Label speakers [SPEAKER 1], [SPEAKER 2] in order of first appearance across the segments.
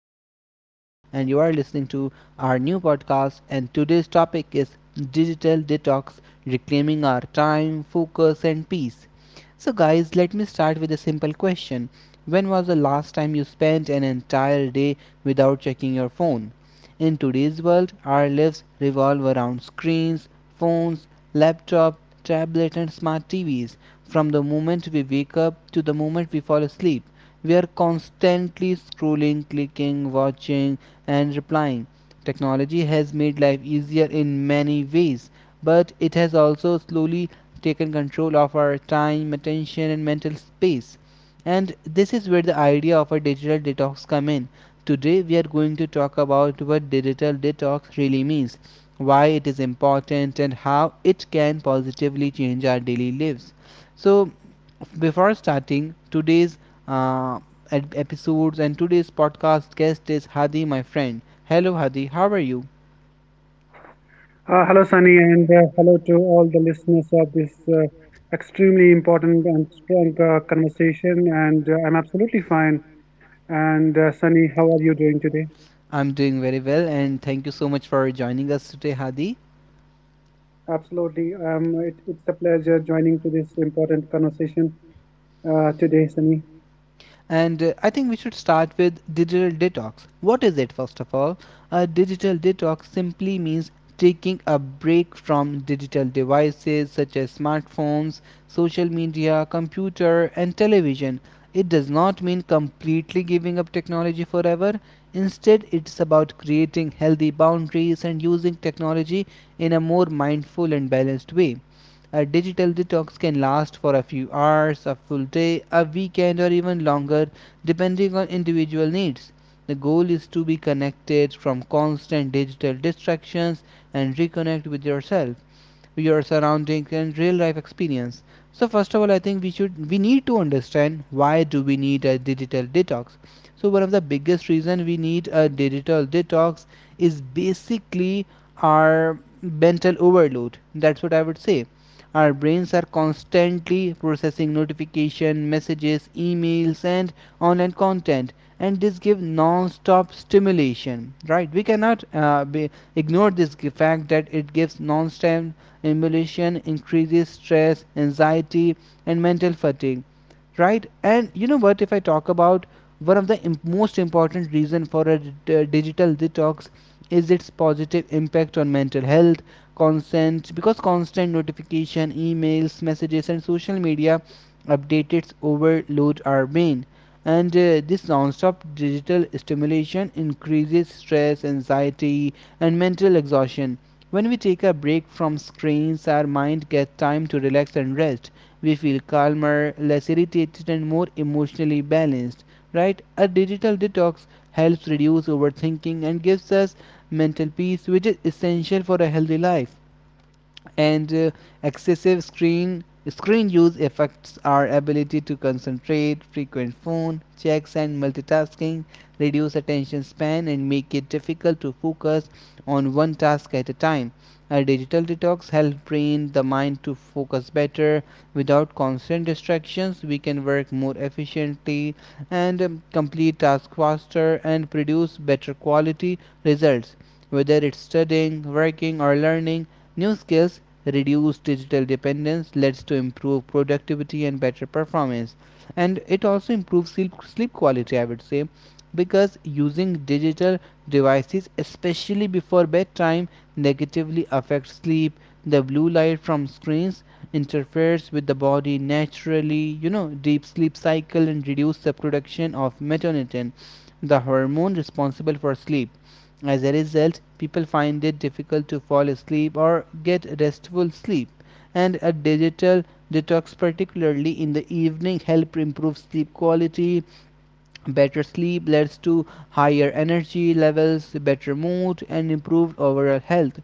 [SPEAKER 1] name is Sunny, and you are listening to our new podcast. And today's topic is digital detox, reclaiming our time, focus, and peace. So, guys, let me start with a simple question. When was the last time you spent an entire day without checking your phone? In today's world, our lives revolve around screens, phones, laptop, tablet, and smart TVs. From the moment we wake up to the moment we fall asleep, we are constantly scrolling, clicking, watching, and replying. Technology has made life easier in many ways, but it has also slowly taken control of our time, attention, and mental space. And this is where the idea of a digital detox come in. Today we are going to talk about what digital detox really means, why it is important, and how it can positively change our daily lives. So, before starting today's uh, episodes, and today's podcast guest is Hadi, my friend. Hello, Hadi. How are you?
[SPEAKER 2] Hello, Sunny, and hello to all the listeners of this extremely important and strong conversation. And I'm absolutely fine. And Sunny, how are you doing today?
[SPEAKER 1] I'm doing very well, and thank you so much for joining us today, Hadi.
[SPEAKER 2] Absolutely. It's a pleasure joining to this important conversation today, Sunny.
[SPEAKER 1] And I think we should start with digital detox. What is it, first of all? A digital detox simply means taking a break from digital devices such as smartphones, social media, computer, and television. It does not mean completely giving up technology forever. Instead, it's about creating healthy boundaries and using technology in a more mindful and balanced way. A digital detox can last for a few hours, a full day, a weekend, or even longer, depending on individual needs. The goal is to be connected from constant digital distractions and reconnect with yourself, your surroundings, and real life experience. So first of all, I think we need to understand, why do we need a digital detox? So one of the biggest reason we need a digital detox is basically our mental overload, that's what I would say. Our brains are constantly processing notification, messages, emails, and online content, and this give non-stop stimulation, right? We cannot ignore this fact that it gives non-stop emulation, increases stress, anxiety, and mental fatigue, right? And you know what, if I talk about one of the most important reason for a digital detox is its positive impact on mental health, consent because constant notification, emails, messages, and social media updates overload our brain. And This non-stop digital stimulation increases stress, anxiety, and mental exhaustion. When we take a break from screens, our mind gets time to relax and rest. We feel calmer, less irritated, and more emotionally balanced, right? A digital detox helps reduce overthinking and gives us mental peace, which is essential for a healthy life. And Excessive screen use affects our ability to concentrate. Frequent phone checks and multitasking reduce attention span and make it difficult to focus on one task at a time. A digital detox helps train the mind to focus better. Without constant distractions, we can work more efficiently and complete tasks faster and produce better quality results, whether it's studying, working, or learning new skills. Reduce digital dependence leads to improved productivity and better performance, and it also improves sleep, sleep quality, I would say, because using digital devices, especially before bedtime, negatively affects sleep. The blue light from screens interferes with the body naturally, you know, deep sleep cycle and reduces the production of melatonin, the hormone responsible for sleep. As a result, people find it difficult to fall asleep or get restful sleep, and a digital detox, particularly in the evening, help improve sleep quality. Better sleep leads to higher energy levels, better mood, and improved overall health,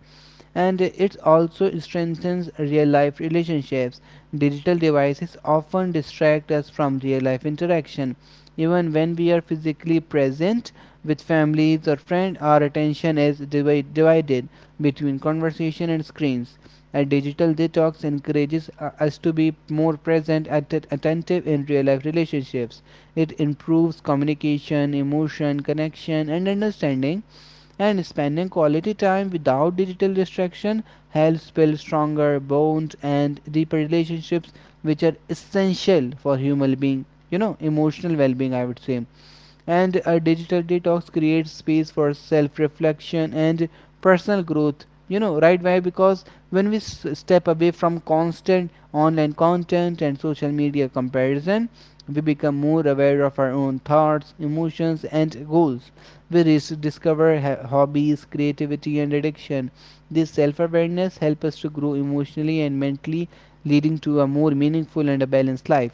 [SPEAKER 1] and it also strengthens real life relationships. Digital devices often distract us from real life interaction. Even when we are physically present with families or friends, our attention is divided between conversation and screens. A digital detox encourages us to be more present and attentive in real life relationships. It improves communication, emotion, connection, and understanding, and spending quality time without digital distraction helps build stronger bonds and deeper relationships, which are essential for human being, you know, emotional well-being, I would say. And a digital detox creates space for self-reflection and personal growth, you know, right? Why? Because when we step away from constant online content and social media comparison, we become more aware of our own thoughts, emotions, and goals. We discover hobbies, creativity, and addiction. This self-awareness helps us to grow emotionally and mentally, leading to a more meaningful and a balanced life.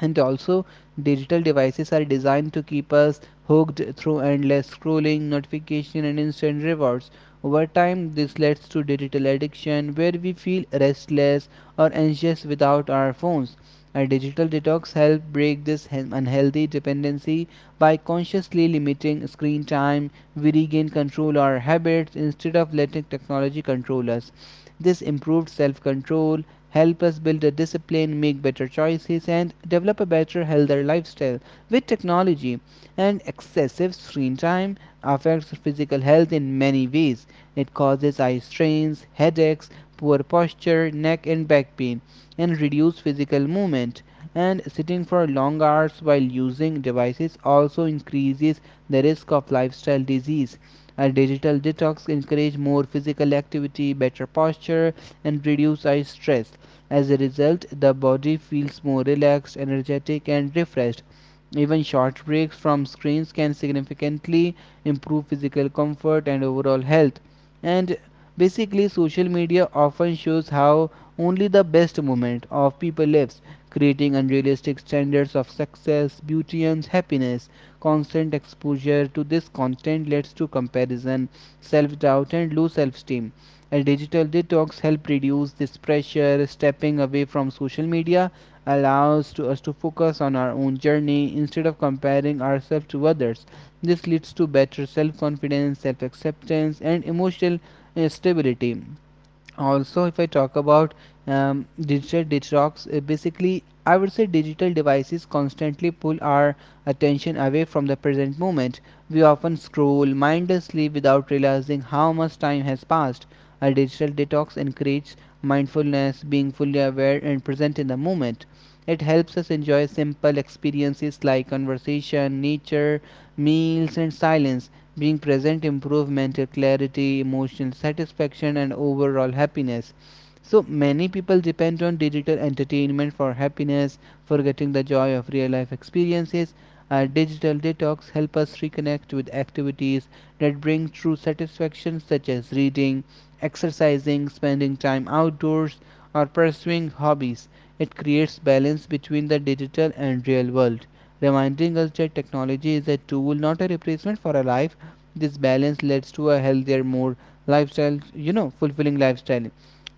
[SPEAKER 1] And also, digital devices are designed to keep us hooked through endless scrolling, notification, and instant rewards. Over time, this leads to digital addiction, where we feel restless or anxious without our phones. A digital detox helps break this unhealthy dependency. By consciously limiting screen time, we regain control of our habits instead of letting technology control us. This improved self control help us build a discipline, make better choices, and develop a better, healthier lifestyle. With technology and excessive screen time affects physical health in many ways. It causes eye strains, headaches, poor posture, neck and back pain, and reduced physical movement. And sitting for long hours while using devices also increases the risk of lifestyle disease. A digital detox encourages more physical activity, better posture, and reduce eye stress. As a result, the body feels more relaxed, energetic, and refreshed. Even short breaks from screens can significantly improve physical comfort and overall health. And basically, social media often shows how only the best moment of people lives, creating unrealistic standards of success, beauty, and happiness. Constant exposure to this content leads to comparison, self doubt, and low self esteem. A digital detox helps reduce this pressure. Stepping away from social media allows to us to focus on our own journey instead of comparing ourselves to others. This leads to better self confidence, self acceptance, and emotional stability. Also, if I talk about digital detox, basically I would say, digital devices constantly pull our attention away from the present moment. We often scroll mindlessly without realizing how much time has passed. A digital detox encourages mindfulness, being fully aware and present in the moment. It helps us enjoy simple experiences like conversation, nature, meals, and silence. Being present improves mental clarity, emotional satisfaction, and overall happiness. So many people depend on digital entertainment for happiness, forgetting the joy of real life experiences. Our digital detox help us reconnect with activities that bring true satisfaction, such as reading, exercising, spending time outdoors, or pursuing hobbies. It creates balance between the digital and real world, reminding us that technology is a tool, not a replacement for a life. This balance leads to a healthier, more lifestyle, you know, fulfilling lifestyle.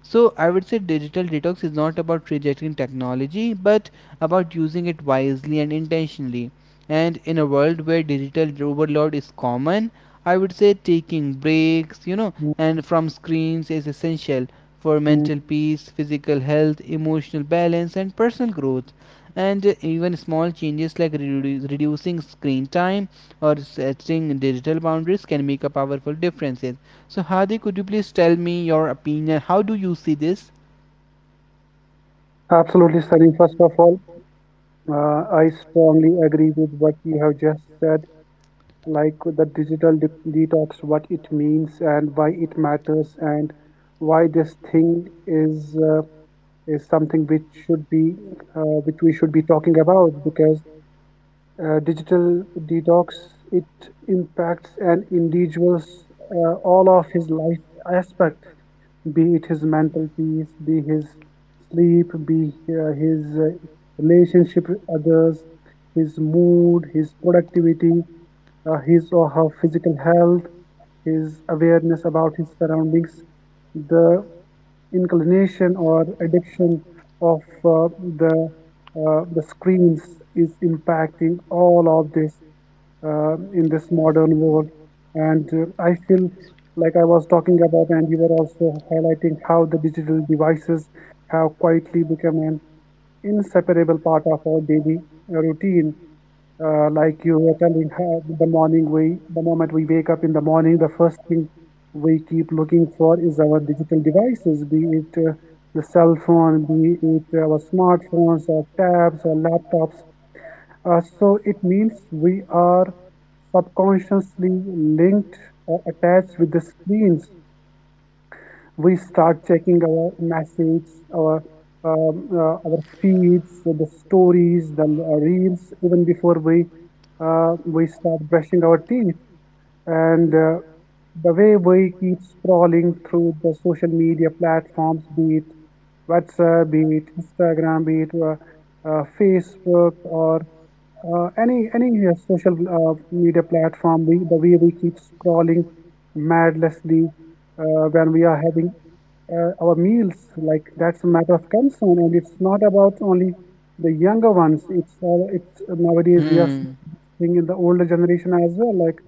[SPEAKER 1] So I would say, digital detox is not about rejecting technology, but about using it wisely and intentionally. And in a world where digital overload is common, I would say taking breaks, you know, and from screens is essential for
[SPEAKER 2] Mm.
[SPEAKER 1] mental peace, physical health, emotional balance, and personal growth. And Even small changes like reducing screen time or setting digital boundaries can make a powerful differences. So Hadi, could you please tell me your opinion? How do you see this?
[SPEAKER 2] Absolutely, Sunny. First of all, I strongly agree with what you have just said, like the detox, what it means and why it matters, and why this thing is. Is something which should be which we should be talking about because digital detox, it impacts an individual's all of his life aspect, be it his mental peace, be his sleep, be his uh, relationship with others, his mood, his productivity, his or her physical health, his awareness about his surroundings. The inclination or addiction of uh, the the screens is impacting all of this in this modern world. And I feel, like I was talking about and you were also highlighting, how the digital devices have quietly become an inseparable part of our daily routine. Like you were telling her, the moment we wake up in the morning, the first thing we keep looking for is our digital devices, be it the cell phone, be it our smartphones or tabs or laptops. So it means we are subconsciously linked or attached with the screens. We start checking our messages, our feeds, the stories, the reels, even before we start brushing our teeth. And the way we keep scrolling through the social media platforms, be it WhatsApp, be it Instagram, be it Facebook, or any social media platform, we, the way we keep scrolling madlessly when we are having our meals, like that's a matter of concern. And it's not about only the younger ones. It's nowadays we are seeing in the older generation as well. Like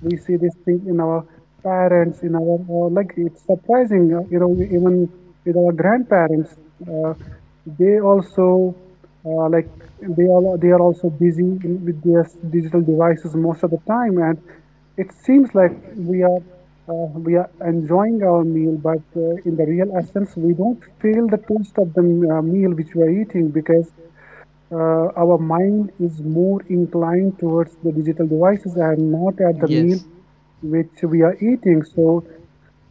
[SPEAKER 2] we see this thing in our parents, in our like it's surprising, you know, even with our grandparents uh, they also, uh, like they are also busy with their digital devices most of the time. And it seems like we are enjoying our meal, but in the real essence, we don't feel the taste of the meal which we are eating, because our mind is more inclined towards the digital devices and not at the meal
[SPEAKER 1] Yes.
[SPEAKER 2] which we are eating. So,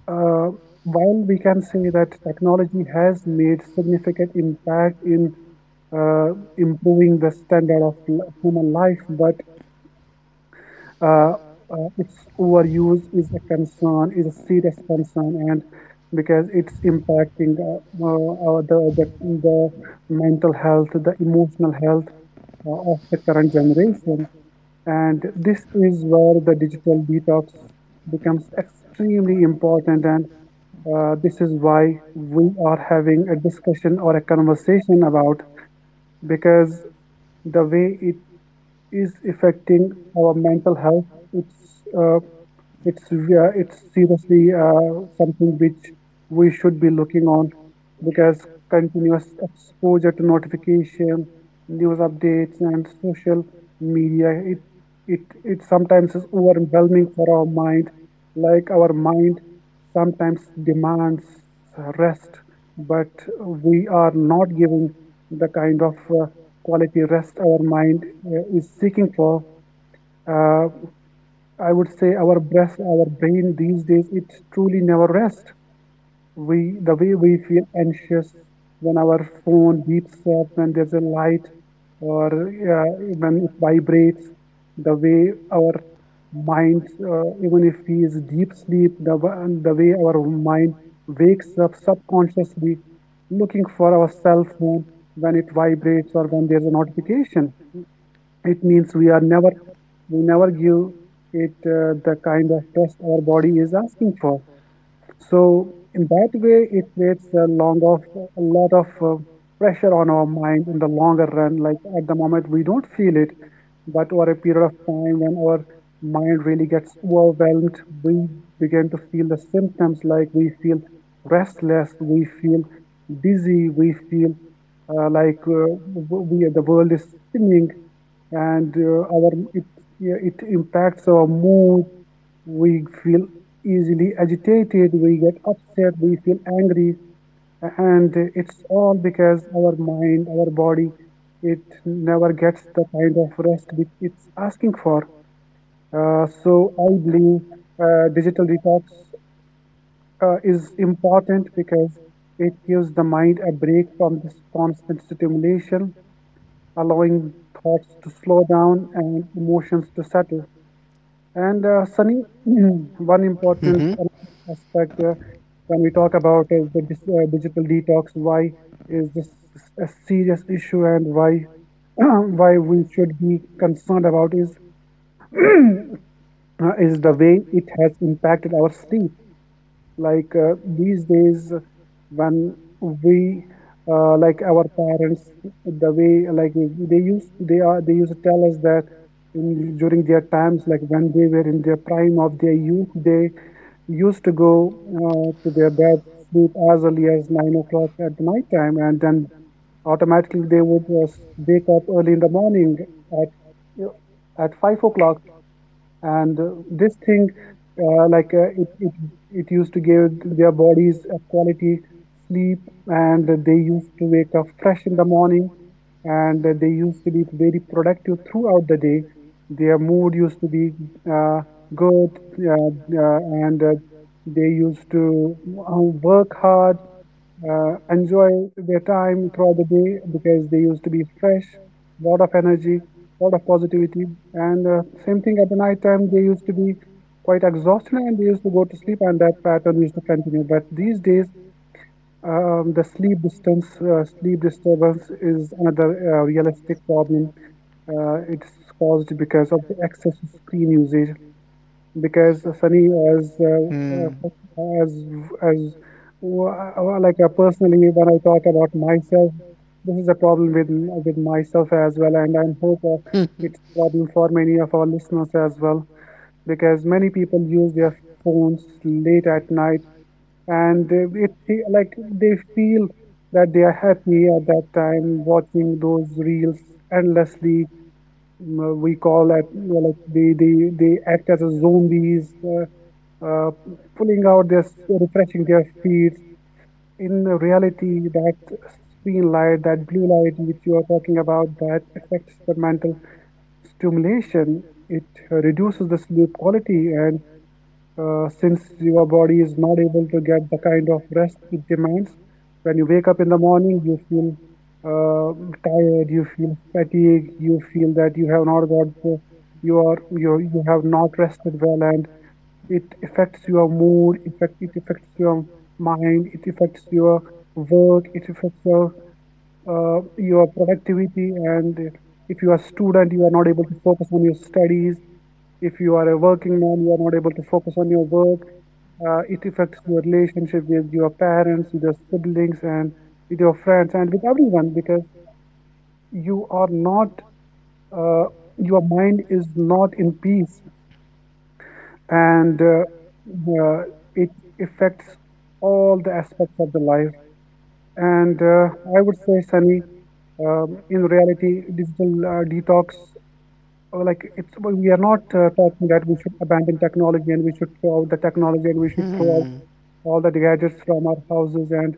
[SPEAKER 2] uh, while we can say that technology has made significant impact in improving the standard of human life, but uh, its overuse is a concern, is a serious concern, and because it's impacting the mental health, the emotional health of the current generation, and this is where the digital detox becomes extremely important. And this is why we are having a discussion or a conversation about, because the way it is affecting our mental health, it's uh, it's seriously something which we should be looking on, because continuous exposure to notifications, news updates, and social media, it sometimes is overwhelming for our mind. Like our mind sometimes demands rest, but we are not giving the kind of uh, quality rest our mind is seeking for. Uh, I would say our brain these days, it truly never rests. The way we feel anxious when our phone beeps up, when there's a light, or when it vibrates, the way our mind, even if he is deep sleep, the way our mind wakes up subconsciously looking for our cell phone when it vibrates or when there's a notification, it means we are never, we never give it the kind of rest our body is asking for. So in that way, it creates a lot of pressure on our mind in the longer run. Like at the moment, we don't feel it, but over a period of time, when our mind really gets overwhelmed, we begin to feel the symptoms. Like we feel restless, we feel dizzy, we feel like we, the world is spinning. And uh, our it yeah, it impacts our mood. We feel easily agitated. We get upset. We feel angry, and it's all because our mind, our body, it never gets the kind of rest which it's asking for. So I believe digital detox is important because it gives the mind a break from this constant stimulation, allowing thoughts to slow down and emotions to settle. And Sunny, one important aspect when we talk about is the dis digital detox. Why is this a serious issue, and why why we should be concerned about is uh, is the way it has impacted our sleep. Like these days when we like our parents, the way, like they used to tell us that during their times, like when they were in their prime of their youth, they used to go to their bed, sleep as early as 9 o'clock at the night time, and then automatically they would just wake up early in the morning at at 5 o'clock. And this thing, uh, like uh, it, it it used to give their bodies a quality sleep, and they used to wake up fresh in the morning, and they used to be very productive throughout the day. Their mood used to be uh, good, uh, uh, and they used to uh, work hard, enjoy their time throughout the day, because they used to be fresh, lot of energy, lot of positivity. And same thing at the night time, they used to be quite exhausted and they used to go to sleep, and that pattern used to continue. But these days, sleep disturbance is another realistic problem. It's caused because of the excessive screen usage, because Sunny, as uh,
[SPEAKER 1] Hmm.
[SPEAKER 2] uh, as as well, personally, when I talk about myself, this is a problem with myself as well, and I hope it's a problem for many of our listeners as well, because many people use their phones late at night, and like they feel that they are happy at that time, watching those reels endlessly. We call that, you like, they act as a zombies. Uh, Pulling out their, refreshing their feeds. In reality, that screen light, that blue light which you are talking about, that affects the mental stimulation, it reduces the sleep quality. And since your body is not able to get the kind of rest it demands, when you wake up in the morning, you feel uh, tired, you feel fatigued, you feel that you have not got the, you have not rested well. And it affects your mood, it affects your mind, it affects your work, it affects your productivity. And if you are a student, you are not able to focus on your studies. If you are a working man, you are not able to focus on your work. It affects your relationship with your parents, with your siblings, and with your friends, and with everyone, because you are not uh, your mind is not in peace, and it affects all the aspects of the life. And I would say, Sunny, in reality, digital detox, like, it's well, we are not talking that we should abandon technology and we should throw out the technology and we should throw out all the gadgets from our houses and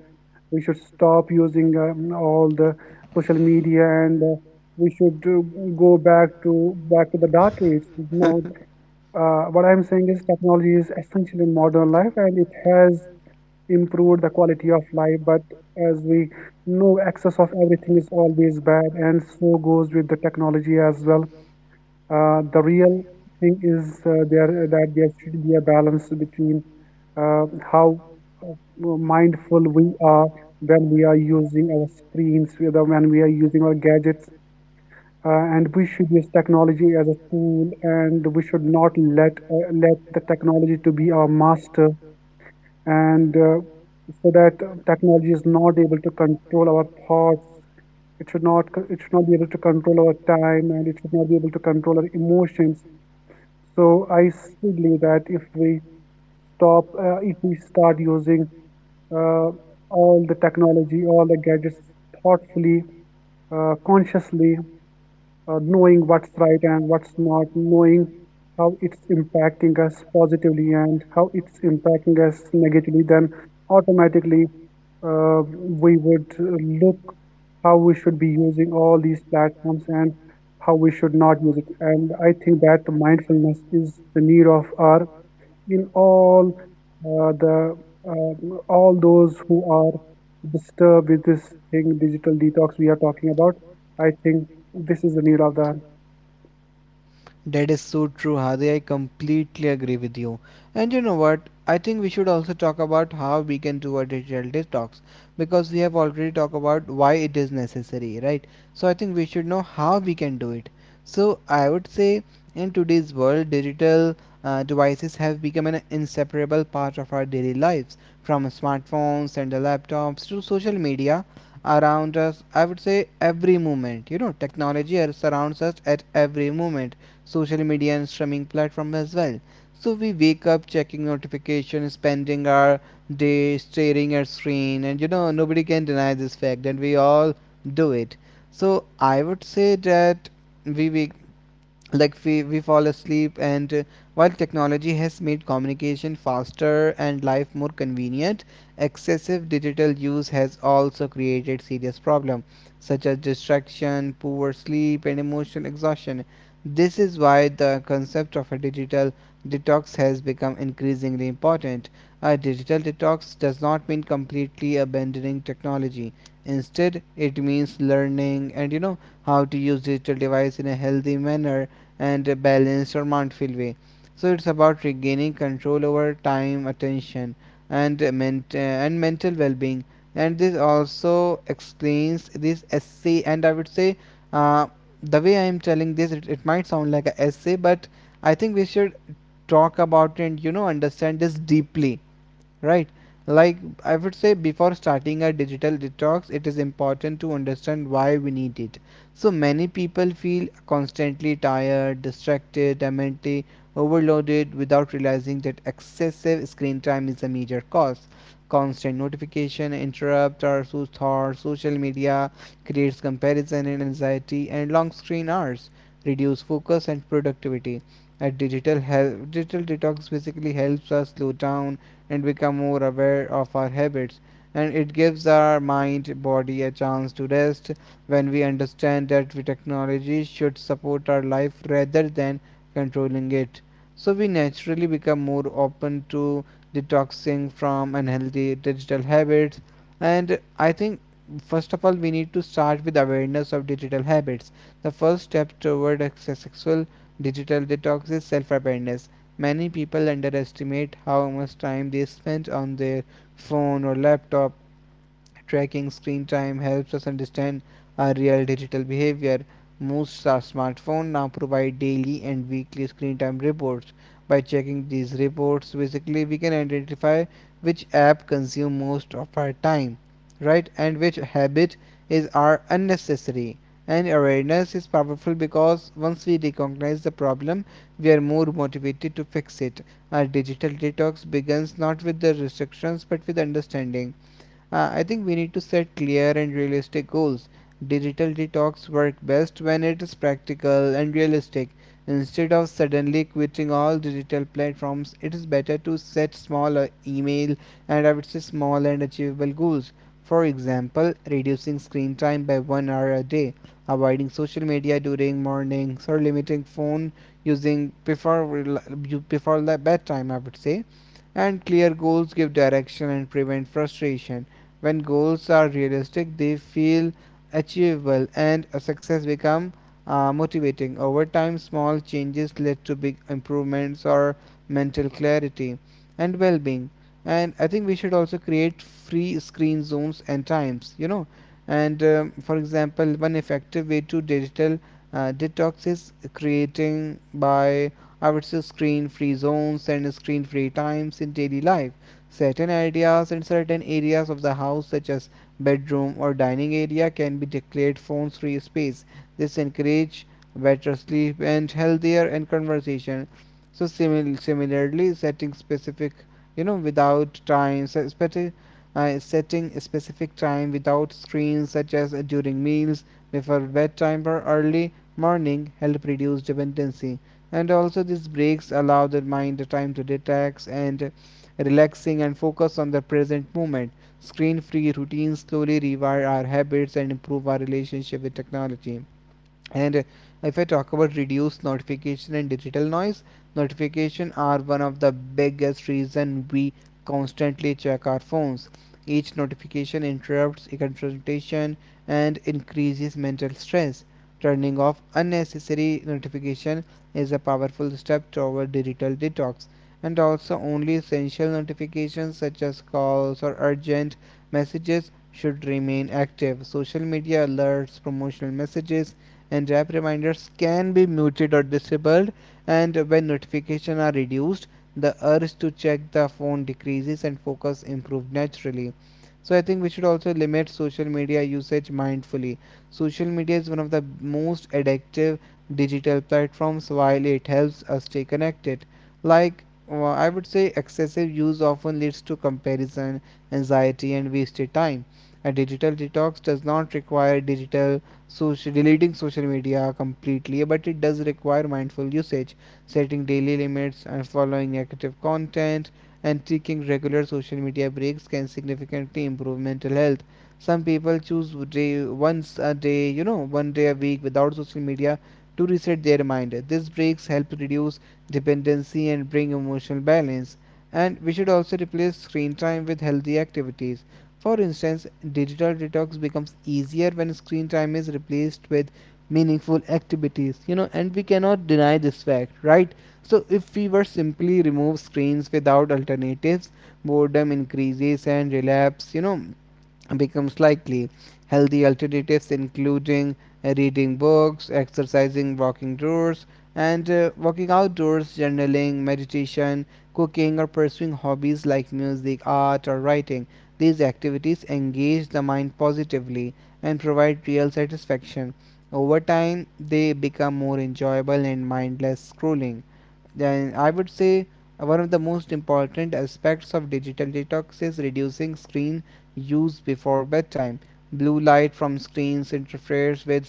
[SPEAKER 2] we should stop using all the social media, and we should go back to the dark age.
[SPEAKER 1] Thank.
[SPEAKER 2] No, what I'm saying is technology is essential in modern life and it has improved the quality of life. But as we know, excess of everything is always bad, and so goes with the technology as well. The real thing is there that there should be a balance between how uh, mindful we are when we are using our screens, whether when we are using our gadgets, and we should use technology as a tool and we should not let the technology to be our master and so that technology is not able to control our thoughts. It should not be able to control our time, and it should not be able to control our emotions. So I still believe that if we start using uh, all the technology, all the gadgets, thoughtfully, consciously, knowing what's right and what's not, knowing how it's impacting us positively and how it's impacting us negatively, then automatically we would look how we should be using all these platforms and how we should not use it. And I think that the mindfulness is the need of our in all the all those who are disturbed with this thing digital detox we are talking about, I think this is the need of the
[SPEAKER 1] That is so true, Hadi. I completely agree with you. And you know what? I think we should also talk about how we can do a digital detox, because we have already talked about why it is necessary, right? So I think we should know how we can do it. So I would say, in today's world, digital devices have become an inseparable part of our daily lives, from smartphones and the laptops to social media around us. I would say every moment. You know, technology surrounds us at every moment, social media and streaming platform as well. So we wake up checking notifications, spending our day staring at screen, and you know nobody can deny this fact that we all do it. So I would say that we wake, like we fall asleep, and while technology has made communication faster and life more convenient, excessive digital use has also created serious problems such as distraction, poor sleep, and emotional exhaustion. This is why the concept of a digital detox has become increasingly important. A digital detox does not mean completely abandoning technology. Instead, it means learning, and you know, how to use digital device in a healthy manner and a balanced or mindful way. So it's about regaining control over time, attention, and and mental well-being. And this also explains this essay. And I would say, uh, the way I am telling this, it might sound like an essay, but I think we should talk about and understand this deeply, right? Like, I would say before starting a digital detox it is important to understand why we need it. So many people feel constantly tired, distracted, and mentally overloaded without realizing that excessive screen time is a major cause. Constant notification interrupt or thoughts, social media creates comparison and anxiety, and long screen hours reduce focus and productivity. A digital help Digital detox basically helps us slow down and become more aware of our habits. And it gives our mind body a chance to rest when we understand that we technology should support our life rather than controlling it. So we naturally become more open to detoxing from unhealthy digital habits. And I think first of all we need to start with awareness of digital habits. The first step toward a successful digital detox is self awareness. Many people underestimate how much time they spend on their phone or laptop. Tracking screen time helps us understand our real digital behavior. Smartphones now provide daily and weekly screen time reports. By checking these reports, basically we can identify which app consume most of our time, right? And which habit is are unnecessary. And awareness is powerful because once we recognize the problem, we are more motivated to fix it. Our digital detox begins not with the restrictions but with understanding. I think we need to set clear and realistic goals. Digital detox work best when it is practical and realistic. Instead of suddenly quitting all digital platforms, it is better to set small email and I would say, small and achievable goals. For example, reducing screen time by 1 hour a day, avoiding social media during mornings, or limiting phone using before the bedtime, I would say. And clear goals give direction and prevent frustration. When goals are realistic they feel achievable, and a success become motivating. Over time small changes lead to big improvements or mental clarity and well-being. And I think we should also create free screen zones and times, you know. And for example, one effective way to digital detox is creating, by I would say, screen free zones and screen free times in daily life. Certain ideas and certain areas of the house, such as bedroom or dining area, can be declared phone free space. This encourage better sleep and healthier and conversation. So similarly, setting specific, you know, without time, setting a specific time without screens, such as during meals, before bedtime or early morning, help reduce dependency. And also, these breaks allow the mind the time to detox and relaxing, and focus on the present moment. Screen free routines slowly rewire our habits and improve our relationship with technology. And If I talk about reduced notification and digital noise, notification are one of the biggest reason we constantly check our phones. Each notification interrupts a concentration and increases mental stress. Turning off unnecessary notification is a powerful step toward digital detox. And also, only essential notifications such as calls or urgent messages should remain active. Social media alerts, promotional messages, and app reminders can be muted or disabled. And when notifications are reduced, the urge to check the phone decreases and focus improves naturally. So I think we should also limit social media usage mindfully. Social media is one of the most addictive digital platforms. While it helps us stay connected, like, I would say, excessive use often leads to comparison, anxiety, and wasted time. A digital detox does not require deleting social media completely, but it does require mindful usage. Setting daily limits and following negative content, and taking regular social media breaks can significantly improve mental health. Some people choose day once a day, you know, one day a week without social media to reset their mind. These breaks help reduce dependency and bring emotional balance. And we should also replace screen time with healthy activities. For instance, digital detox becomes easier when screen time is replaced with meaningful activities, you know, and we cannot deny this fact, right? So, if we were simply remove screens without alternatives, boredom increases and relapse, you know, becomes likely. Healthy alternatives including reading books, exercising, walking doors, and walking outdoors, journaling, meditation, cooking, or pursuing hobbies like music, art, or writing. These activities engage the mind positively and provide real satisfaction. Over time, they become more enjoyable and mindless scrolling. Then I would say one of the most important aspects of digital detox is reducing screen use before bedtime. Blue light from screens interferes with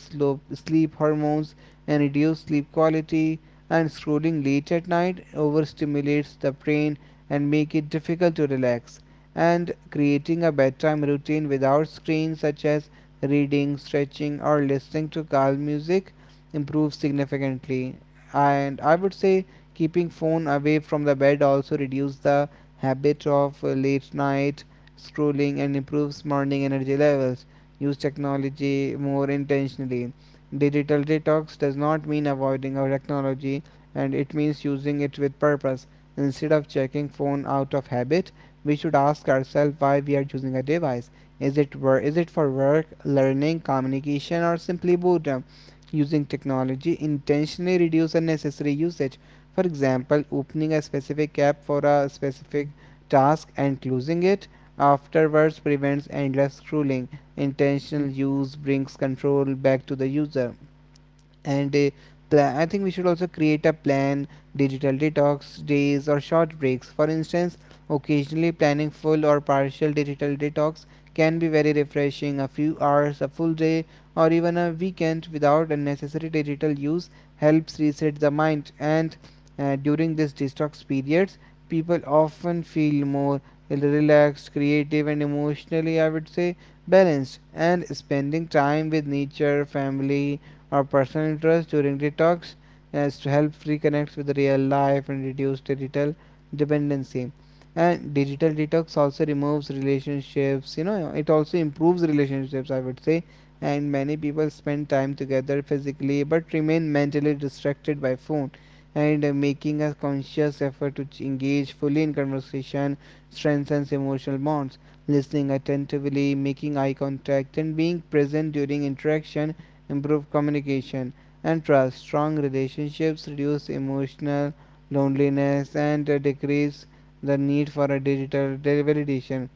[SPEAKER 1] sleep hormones and reduces sleep quality, and scrolling late at night overstimulates the brain and make it difficult to relax. And creating a bedtime routine without screens such as reading, stretching or listening to calm music improves significantly. And I would say keeping phone away from the bed also reduce the habit of late night schooling, and improves morning energy levels. Use technology more intentionally. Digital detox does not mean avoiding our technology, and it means using it with purpose. Instead of checking phone out of habit, we should ask ourselves why we are using a device. Is it for work, learning, communication, or simply boredom? Using technology intentionally reduce unnecessary usage. For example, opening a specific app for a specific task and closing it afterwards prevents endless scrolling. Intentional use brings control back to the user. and uh, I think we should also create a plan, digital detox days or short breaks. For instance, occasionally planning full or partial digital detox can be very refreshing. A few hours, a full day, or even a weekend without unnecessary digital use helps reset the mind. And during these detox periods, people often feel more relaxed, creative, and emotionally, I would say, balanced. And spending time with nature, family, or personal interest during detox as to help reconnect with real life and reduce digital dependency. And digital detox also removes relationships, you know, it also improves relationships, I would say. And many people spend time together physically but remain mentally distracted by phone. And making a conscious effort to engage fully in conversation strengthens emotional bonds. Listening attentively, making eye contact, and being present during interaction improve communication and trust. Strong relationships reduce emotional loneliness and decrease the need for a digital validation.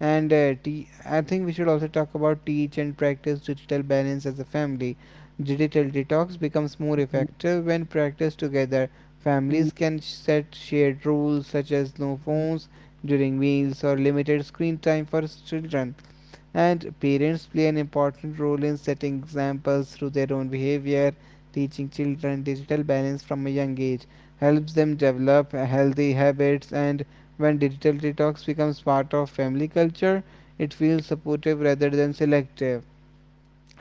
[SPEAKER 1] And I think we should also talk about teach and practice digital balance as a family. Digital detox becomes more effective when practiced together. Families can set shared rules such as no phones during meals or limited screen time for children. And parents play an important role in setting examples through their own behavior. Teaching children digital balance from a young age helps them develop healthy habits. And when digital detox becomes part of family culture it feels supportive rather than selective.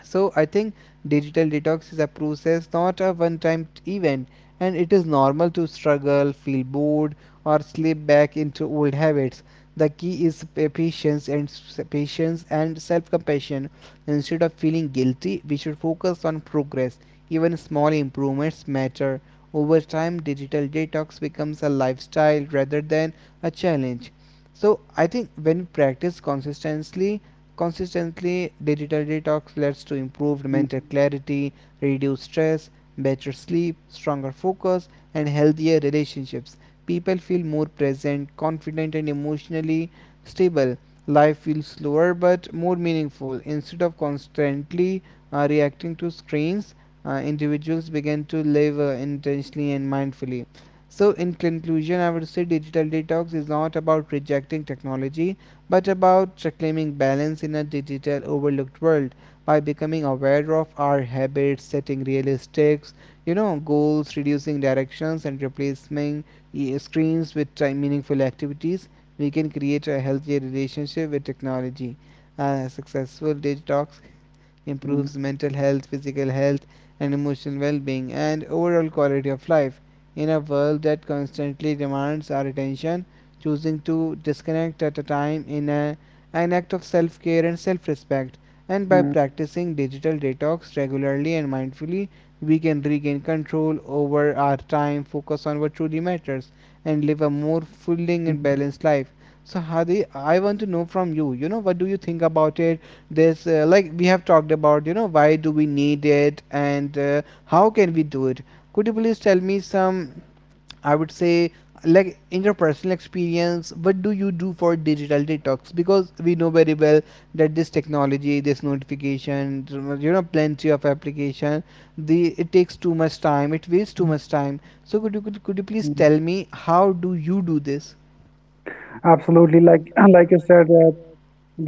[SPEAKER 1] So I think digital detox is a process, not a one time event, and it is normal to struggle, feel bored, or slip back into old habits. The key is patience and patience and self-compassion. Instead of feeling guilty, we should focus on progress. Even small improvements matter. Over time, digital detox becomes a lifestyle rather than a challenge. So I think when we practice consistently, digital detox leads to improved mental clarity, reduced stress, better sleep, stronger focus, and healthier relationships. People feel more present, confident, and emotionally stable. Life feels slower but more meaningful. Instead of constantly reacting to screens, individuals begin to live intentionally and mindfully. So, in conclusion, I would say digital detox is not about rejecting technology, but about reclaiming balance in a digital overlooked world by becoming aware of our habits, setting realistic, you know, goals, reducing directions, and replacing screens with time meaningful activities. We can create a healthier relationship with technology. A successful detox improves mental health, physical health, and emotional well being, and overall quality of life. In a world that constantly demands our attention, choosing to disconnect at a time in a, an act of self care and self respect. And by practicing digital detox regularly and mindfully, we can regain control over our time, focus on what truly matters, and live a more fulfilling and balanced life. So, Hadi, I want to know from you, you know, what do you think about it? This like we have talked about, you know, why do we need it and how can we do it. Could you please tell me some, I would say, like in your personal experience, what do you do for digital detox? Because we know very well that this technology, this notification, you know, plenty of application, the it takes too much time, it wastes too much time. So could you please tell me how do you do this?
[SPEAKER 2] absolutely. Like like you said,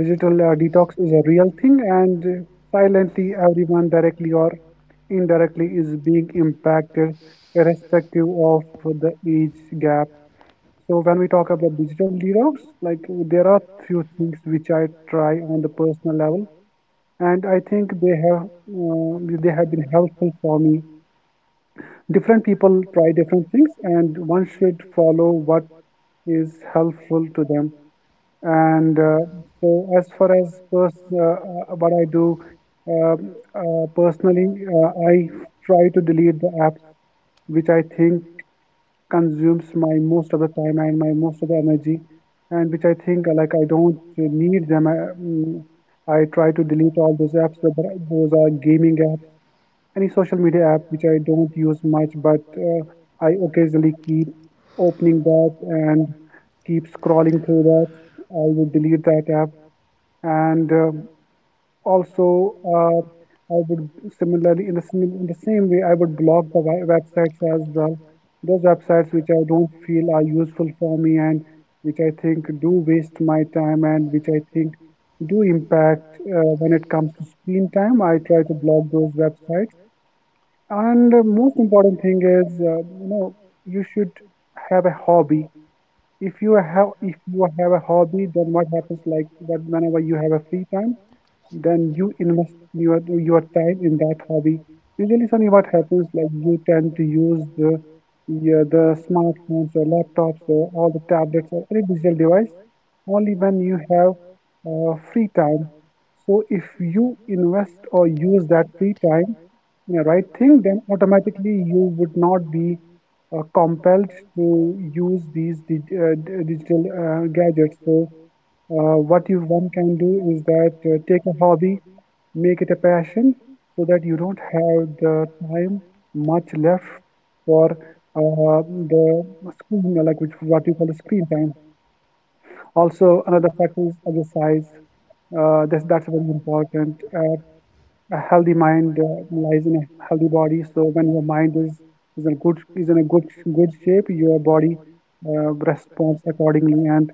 [SPEAKER 2] digital detox is a real thing, and silently, everyone directly or indirectly is being impacted, irrespective of the age gap. So, when we talk about digital detox, like, there are few things which I try on the personal level, and I think they have been helpful for me. Different people try different things, and one should follow what is helpful to them. And so, as far as what I do personally, I try to delete the apps which I think consumes my most of the time and my most of the energy, and which I think like I don't need them. I try to delete all those apps, whether those are gaming apps, any social media app which I don't use much, but I occasionally keep opening that and keep scrolling through that. I would delete that app, and also I would, similarly, in the same way, I would block the websites as well. Those websites which I don't feel are useful for me, and which I think do waste my time, and which I think do impact when it comes to screen time. I try to block those websites. And the most important thing is, you know, you should have a hobby. If you have a hobby, then what happens like that whenever you have a free time? Then you invest your time in that hobby. Usually, Sunny, what happens like you tend to use the yeah, the smartphones or laptops or all the tablets or any digital device only when you have free time. So if you invest or use that free time in the right thing, then automatically you would not be compelled to use these digital gadgets. So what you one can do is that take a hobby, make it a passion, so that you don't have the time much left for the screen, like which what you call the screen time. Also, another factor is exercise. That's very important. A healthy mind lies in a healthy body. So when your mind is in a good shape, your body responds accordingly, and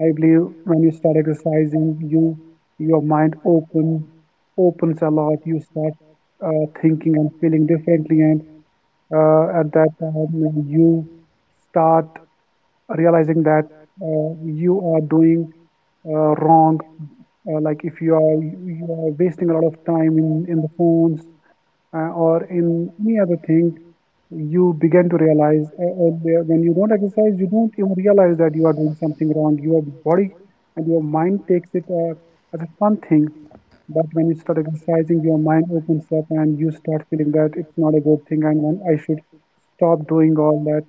[SPEAKER 2] I believe when you start exercising, you your mind opens a lot. You start thinking and feeling differently, and at that time you start realizing that you are doing wrong. Like if you are wasting a lot of time in the phones, or in any other thing, you begin to realize earlier when you don't exercise, you don't even realize that you are doing something wrong. Your body and your mind takes it as a fun thing, but when you start exercising, your mind opens up and you start feeling that it's not a good thing and when I should stop doing all that,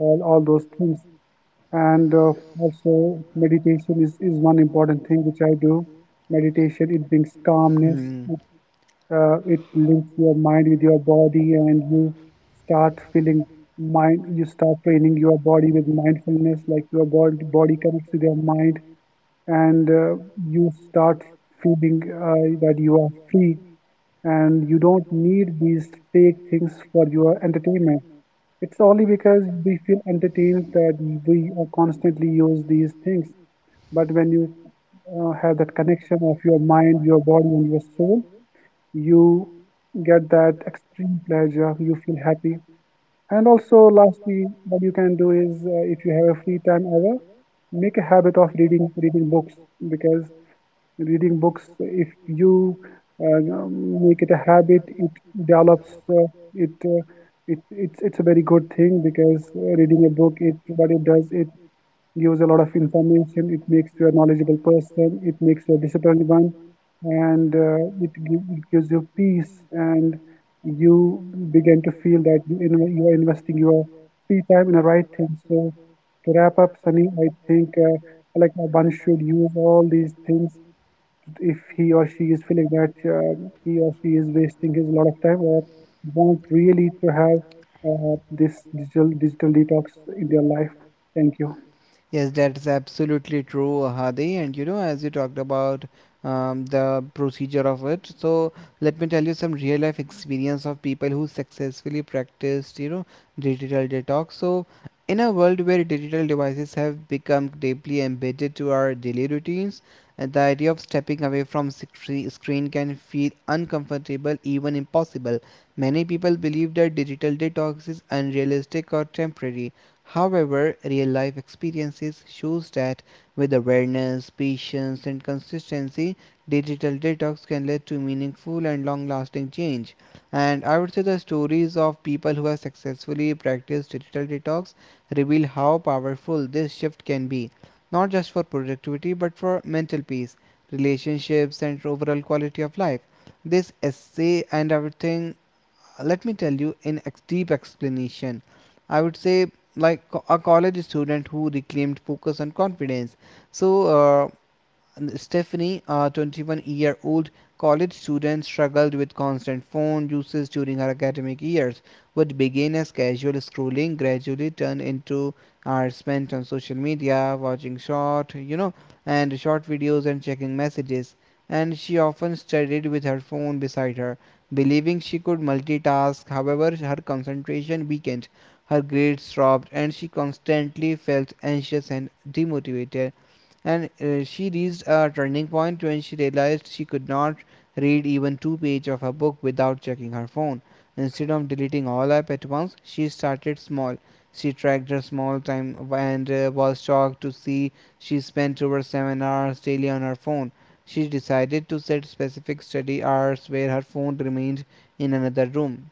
[SPEAKER 2] all those things. And also, meditation is one important thing which I do. Meditation, it brings calmness,
[SPEAKER 1] Hmm.
[SPEAKER 2] it links your mind with your body and you start feeling mind you start training your body with mindfulness, like your body connects to your mind, and you start feeling that you are free and you don't need these fake things for your entertainment. It's only because we feel entertained that we constantly use these things. But when you have that connection of your mind, your body, and your soul, you get that extreme pleasure, you feel happy. And also, lastly, what you can do is, if you have a free time hour, make a habit of reading reading books, because reading books, if you make it a habit, it develops it it it's a very good thing, because reading a book, it what it does, it gives a lot of information. It makes you a knowledgeable person. It makes you a disciplined one, and it gives you peace. And you begin to feel that you are investing your free time in the right thing. So, to wrap up, Sunny, I think one should use all these things if he or she is feeling that he or she is wasting his lot of time or want really to have this digital detox in their life. Thank you.
[SPEAKER 1] Yes, that is absolutely true, Hadi. And you know, as you talked about the procedure of it, so let me tell you some real life experience of people who successfully practiced, you know, digital detox. So, in a world where digital devices have become deeply embedded to our daily routines, the idea of stepping away from screen can feel uncomfortable, even impossible. Many people believe that digital detox is unrealistic or temporary. However, real life experiences shows that with awareness, patience and consistency, digital detox can lead to meaningful and long-lasting change. And I would say the stories of people who have successfully practiced digital detox reveal how powerful this shift can be, not just for productivity but for mental peace, relationships and overall quality of life. This essay and everything, let me tell you in deep explanation. I would say like a college student who reclaimed focus and confidence. So Stephanie, a 21-year-old college student, struggled with constant phone usage during her academic years. What began as casual scrolling gradually turned into hours spent on social media, watching short, you know, and short videos and checking messages. And she often studied with her phone beside her, believing she could multitask. However, her concentration weakened, her grades dropped, and she constantly felt anxious and demotivated. And she reached a turning point when she realized she could not read even two pages of a book without checking her phone. Instead of deleting all apps at once, she started small. She tracked her small time and was shocked to see she spent over 7 hours daily on her phone. She decided to set specific study hours where her phone remained in another room.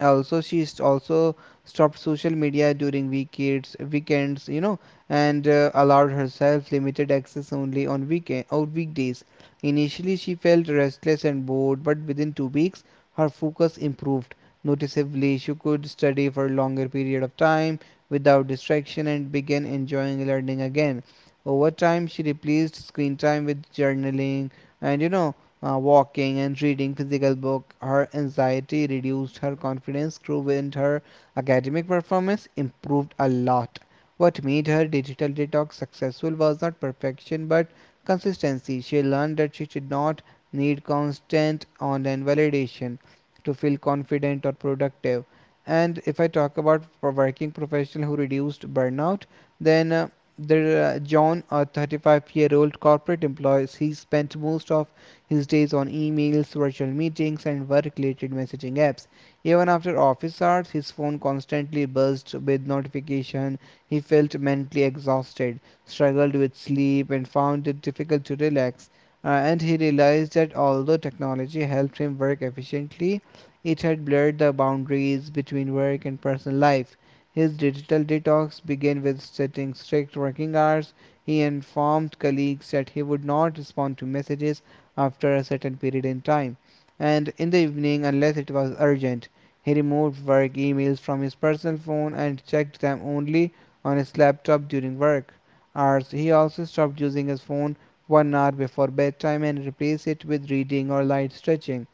[SPEAKER 1] Also she's also stopped social media during weekends, weekends, you know, and allowed herself limited access only on weekend or weekdays. Initially she felt restless and bored, but within 2 weeks her focus improved noticeably. She could study for a longer period of time without distraction and began enjoying learning again. Over time she replaced screen time with journaling and, you know, walking and reading physical book. Her anxiety reduced, her confidence grew, and her academic performance improved a lot. What made her digital detox successful was not perfection but consistency. She learned that she did not need constant online validation to feel confident or productive. And if I talk about for working professional who reduced burnout, then there John, a 35-year-old corporate employee, he spent most of his days on emails, virtual meetings, and work related messaging apps. Even after office hours, his phone constantly buzzed with notification. He felt mentally exhausted, struggled with sleep, and found it difficult to relax. And he realized that although technology helped him work efficiently, it had blurred the boundaries between work and personal life. His digital detox began with setting strict working hours. He informed colleagues that he would not respond to messages after a certain period in time, and in the evening, unless it was urgent, he removed work emails from his personal phone and checked them only on his laptop during work hours. He also stopped using his phone 1 hour before bedtime and replaced it with reading or light stretching.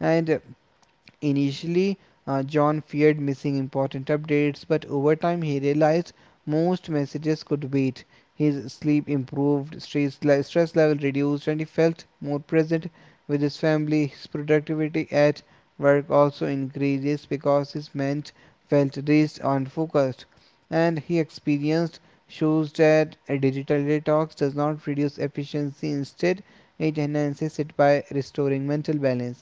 [SPEAKER 1] And initially, John feared missing important updates, but over time he realized most messages could wait. His sleep improved, stress, stress level reduced, and he felt more present with his family. His productivity at work also increases because his mind felt rest and focused. And he experienced shows that a digital detox does not reduce efficiency, instead, it enhances it by restoring mental balance.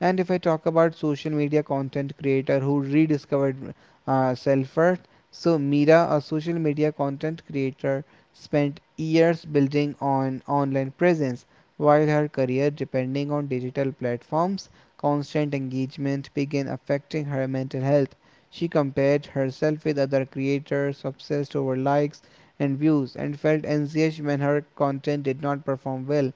[SPEAKER 1] And if I talk about social media content creator who rediscovered self worth, so Mira, a social media content creator, spent years building on online presence while her career depending on digital platforms. Constant engagement began affecting her mental health. She compared herself with other creators, obsessed over likes and views, and felt anxious when her content did not perform well.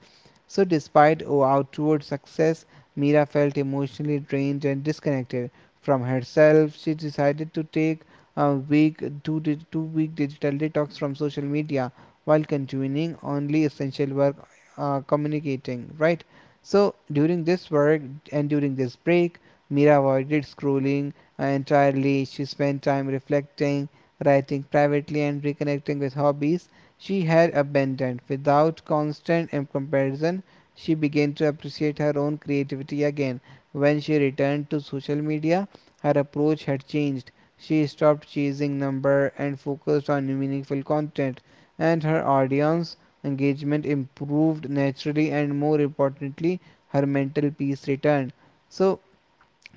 [SPEAKER 1] So despite outward success, Mira felt emotionally drained and disconnected from herself. She decided to take a week, two, di- 2 week digital detox from social media while continuing only essential work, communicating, right? So during this work and during this break, Mira avoided scrolling entirely. She spent time reflecting, writing privately, and reconnecting with hobbies she had abandoned. Without constant and comparison she began to appreciate her own creativity again. When she returned to social media, her approach had changed. She stopped chasing numbers and focused on meaningful content, and her audience engagement improved naturally, and more importantly, her mental peace returned. So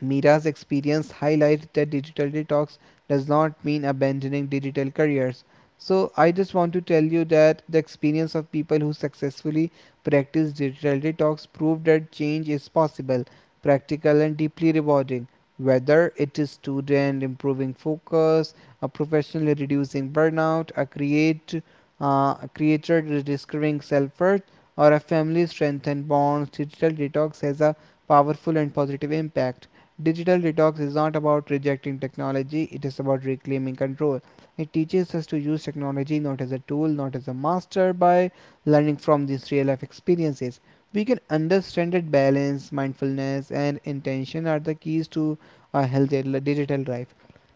[SPEAKER 1] Mira's experience highlights that digital detox does not mean abandoning digital careers. So, I just want to tell you that the experience of people who successfully practice digital detox proved that change is possible, practical, and deeply rewarding. Whether it is student improving focus, a professional reducing burnout, a create a creator discovering self-worth, or a family strengthened bonds, digital detox has a powerful and positive impact. Digital detox is not about rejecting technology, it is about reclaiming control. It teaches us to use technology not as a tool, not as a master, by learning from these real life experiences. We can understand that balance, mindfulness, and intention are the keys to a healthy digital life.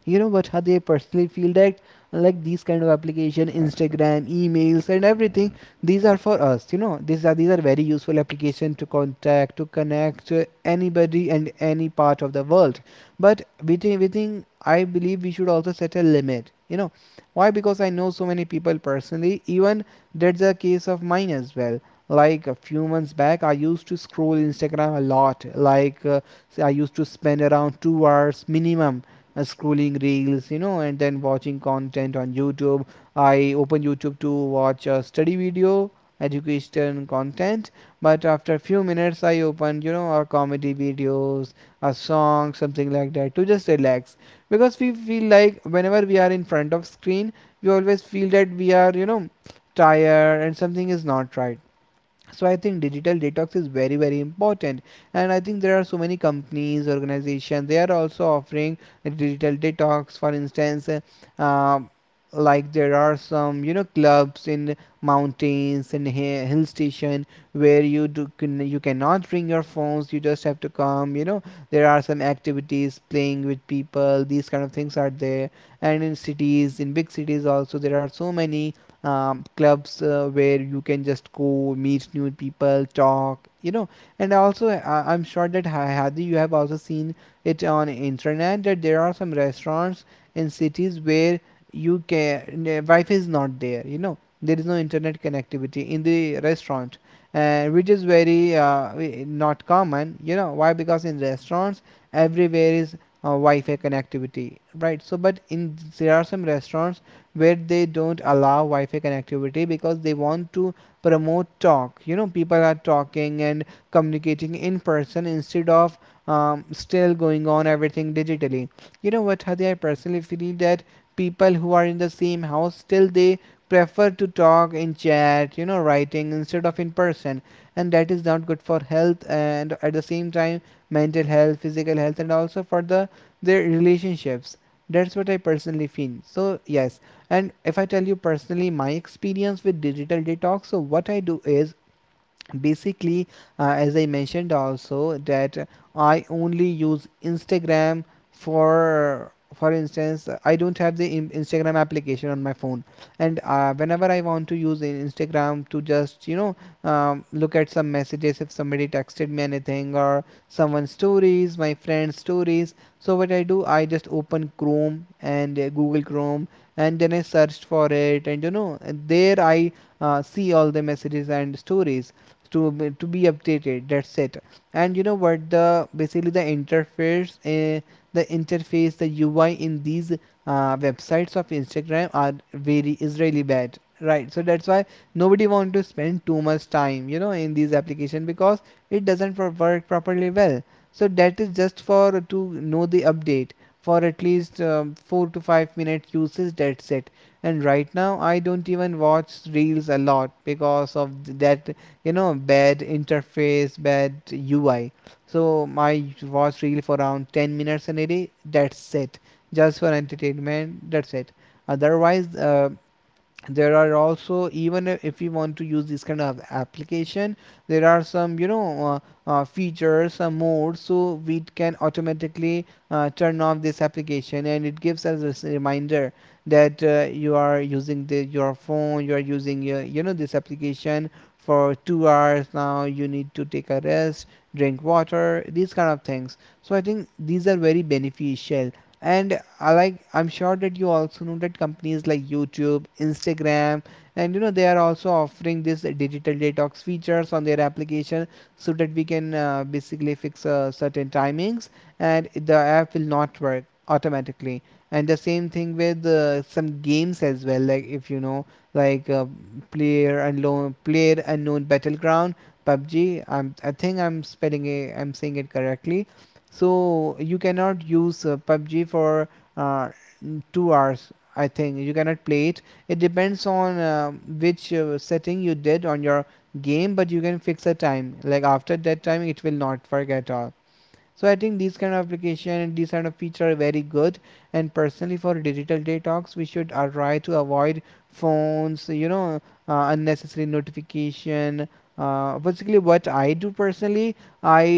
[SPEAKER 1] You know what? How they personally feel that like these kind of application, Instagram, emails, and everything, these are for us, you know, these are, these are very useful application to contact, to connect anybody and any part of the world. But within I believe we should also set a limit, you know. Why? Because I know so many people personally, even that's a case of mine as well. Like a few months back I used to scroll Instagram a lot. Like I used to spend around 2 hours minimum scrolling reels, you know, and then watching content on YouTube. I open YouTube to watch a study video, education content, but after a few minutes, I open, you know, a comedy videos, a song, something like that to just relax. Because we feel like whenever we are in front of screen, we always feel that we are, you know, tired and something is not right. So I think digital detox is very very important, and I think there are so many companies organizations they are also offering a digital detox. For instance, like there are some, you know, clubs in mountains and hill station where you you cannot bring your phones, you just have to come, you know. There are some activities playing with people, these kind of things are there. And in cities, in big cities also, there are so many clubs where you can just go meet new people, talk, you know. And also I'm sure that Hadi you have also seen it on internet that there are some restaurants in cities where you can, Wi-Fi is not there, you know, there is no internet connectivity in the restaurant, which is very not common, you know. Why? Because in restaurants everywhere is Wi-Fi connectivity, right? So but in, there are some restaurants where they don't allow Wi-Fi connectivity because they want to promote talk. You know, people are talking and communicating in person instead of still going on everything digitally. You know what, Hadi, I personally feel that people who are in the same house still they prefer to talk in chat, you know, writing instead of in person, and that is not good for health, and at the same time mental health, physical health, and also for the their relationships. That's what I personally feel. So yes, and if I tell you personally my experience with digital detox, so what I do is basically, as I mentioned also, that I only use Instagram for for instance, I don't have the Instagram application on my phone. And whenever I want to use Instagram to just, look at some messages, if somebody texted me anything, or someone's stories, my friend's stories, so what I do, I just open Chrome and Google Chrome, and then I searched for it, and you know, and there I see all the messages and stories to be updated, that's it. And you know what, the basically the interface, the interface, the UI in these websites of Instagram are very, is really bad, right? So that's why nobody want to spend too much time, you know, in these application, because it doesn't work properly well. So that is just for to know the update for at least 4 to 5 minute usage, that's it. And right now I don't even watch reels a lot because of that, you know, bad interface, bad UI. So I watched reel for around 10 minutes in a, that's it, just for entertainment, that's it. Otherwise, there are also, even if we want to use this kind of application, there are some, you know, features, some modes, so we can automatically turn off this application, and it gives us a reminder that you are using your phone, you are using you know, this application for 2 hours, now you need to take a rest, drink water, these kind of things. So I think these are very beneficial. And I like, I'm sure that you also know that companies like YouTube, Instagram, and you know, they are also offering this digital detox features on their application, so that we can basically fix certain timings, and the app will not work automatically. And the same thing with some games as well, like, if you know, like player unknown battleground, PUBG. I think I'm spelling it, I'm saying it correctly. So you cannot use PUBG for uh, 2 hours, I think. You cannot play it. It depends on which setting you did on your game, but you can fix a time. Like, after that time, it will not work at all. So I think these kind of application and these kind of feature are very good. And personally, for digital detox, we should try to avoid phones. You know, unnecessary notification. Basically, what I do personally, I,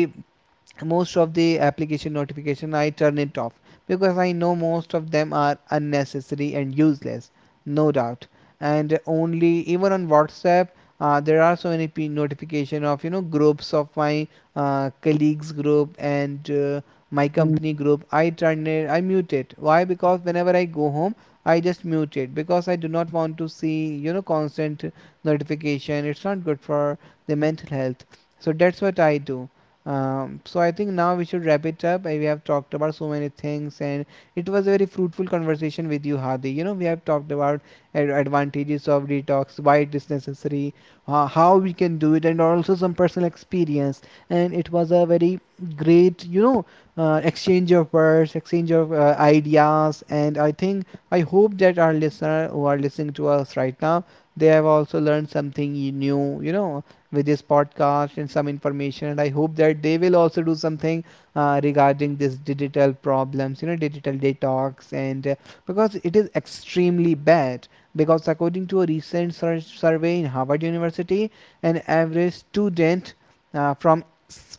[SPEAKER 1] most of the application notification I turn it off, because I know most of them are unnecessary and useless, no doubt. And only, even on WhatsApp, there are so many notification of, you know, groups of my colleagues group and my company group. I turn it, I mute it. Why? Because whenever I go home, I just mute it, because I do not want to see, you know, constant notification. It's not good for the mental health. So that's what I do. So I think now we should wrap it up. We have talked about so many things, and it was a very fruitful conversation with you, Hadi. You know, we have talked about advantages of detox, why it is necessary, how we can do it, and also some personal experience. And it was a very great, you know, exchange of words, exchange of ideas. And I think I hope that our listener who are listening to us right now, they have also learned something new. You know, with this podcast and some information, and I hope that they will also do something regarding this digital problems, you know, digital detox, and because it is extremely bad, because according to a recent survey in Harvard University, an average student from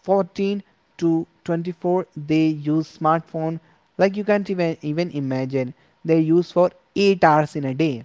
[SPEAKER 1] 14 to 24, they use smartphone, like, you can't even imagine. They use for 8 hours in a day.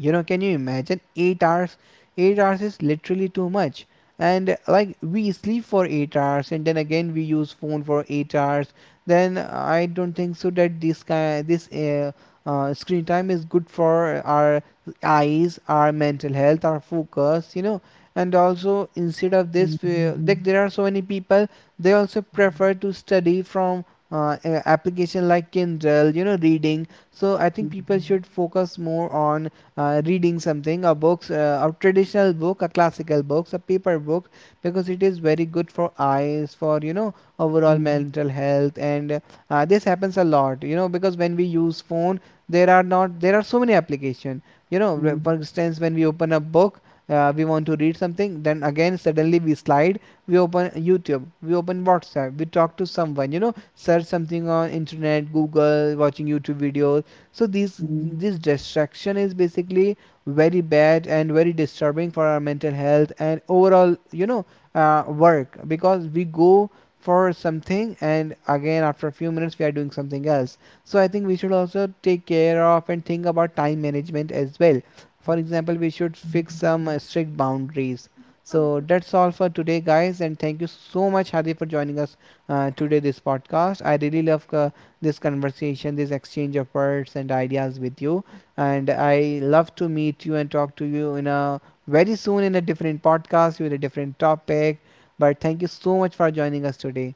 [SPEAKER 1] You know, can you imagine? 8 hours. 8 hours is literally too much. And like, we sleep for 8 hours and then again we use phone for 8 hours. Then I don't think so that this kind, this screen time is good for our eyes, our mental health, our focus, you know. And also, instead of this, like, there are so many people, they also prefer to study from application like Kindle, you know, reading. So I think people should focus more on reading something, a books, a traditional book, a classical books, a paper book, because it is very good for eyes, for, you know, overall mental health. And this happens a lot, you know, because when we use phone, there are not there are so many application, you know. For instance, when we open a book, we want to read something, then again suddenly we slide, we open YouTube, we open WhatsApp, we talk to someone, you know, search something on internet, Google, watching YouTube videos. So this distraction is basically very bad and very disturbing for our mental health, and overall, you know, work, because we go for something, and again after a few minutes we are doing something else. So I think we should also take care of and think about time management as well. For example, we should fix some strict boundaries. So that's all for today, guys, and thank you so much, Hadi, for joining us today, this podcast. I really love this conversation, this exchange of words and ideas with you. And I love to meet you and talk to you in a very soon, in a different podcast with a different topic. But thank you so much for joining us today.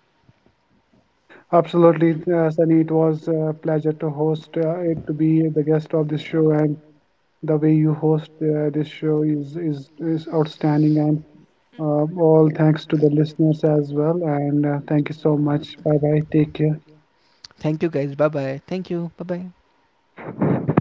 [SPEAKER 2] Absolutely, Sunny. It was a pleasure to to be the guest of this show, and the way you host this show is outstanding. And all thanks to the listeners as well. And thank you so much. Bye bye. Take care.
[SPEAKER 1] Thank you, guys. Bye bye. Thank you. Bye bye.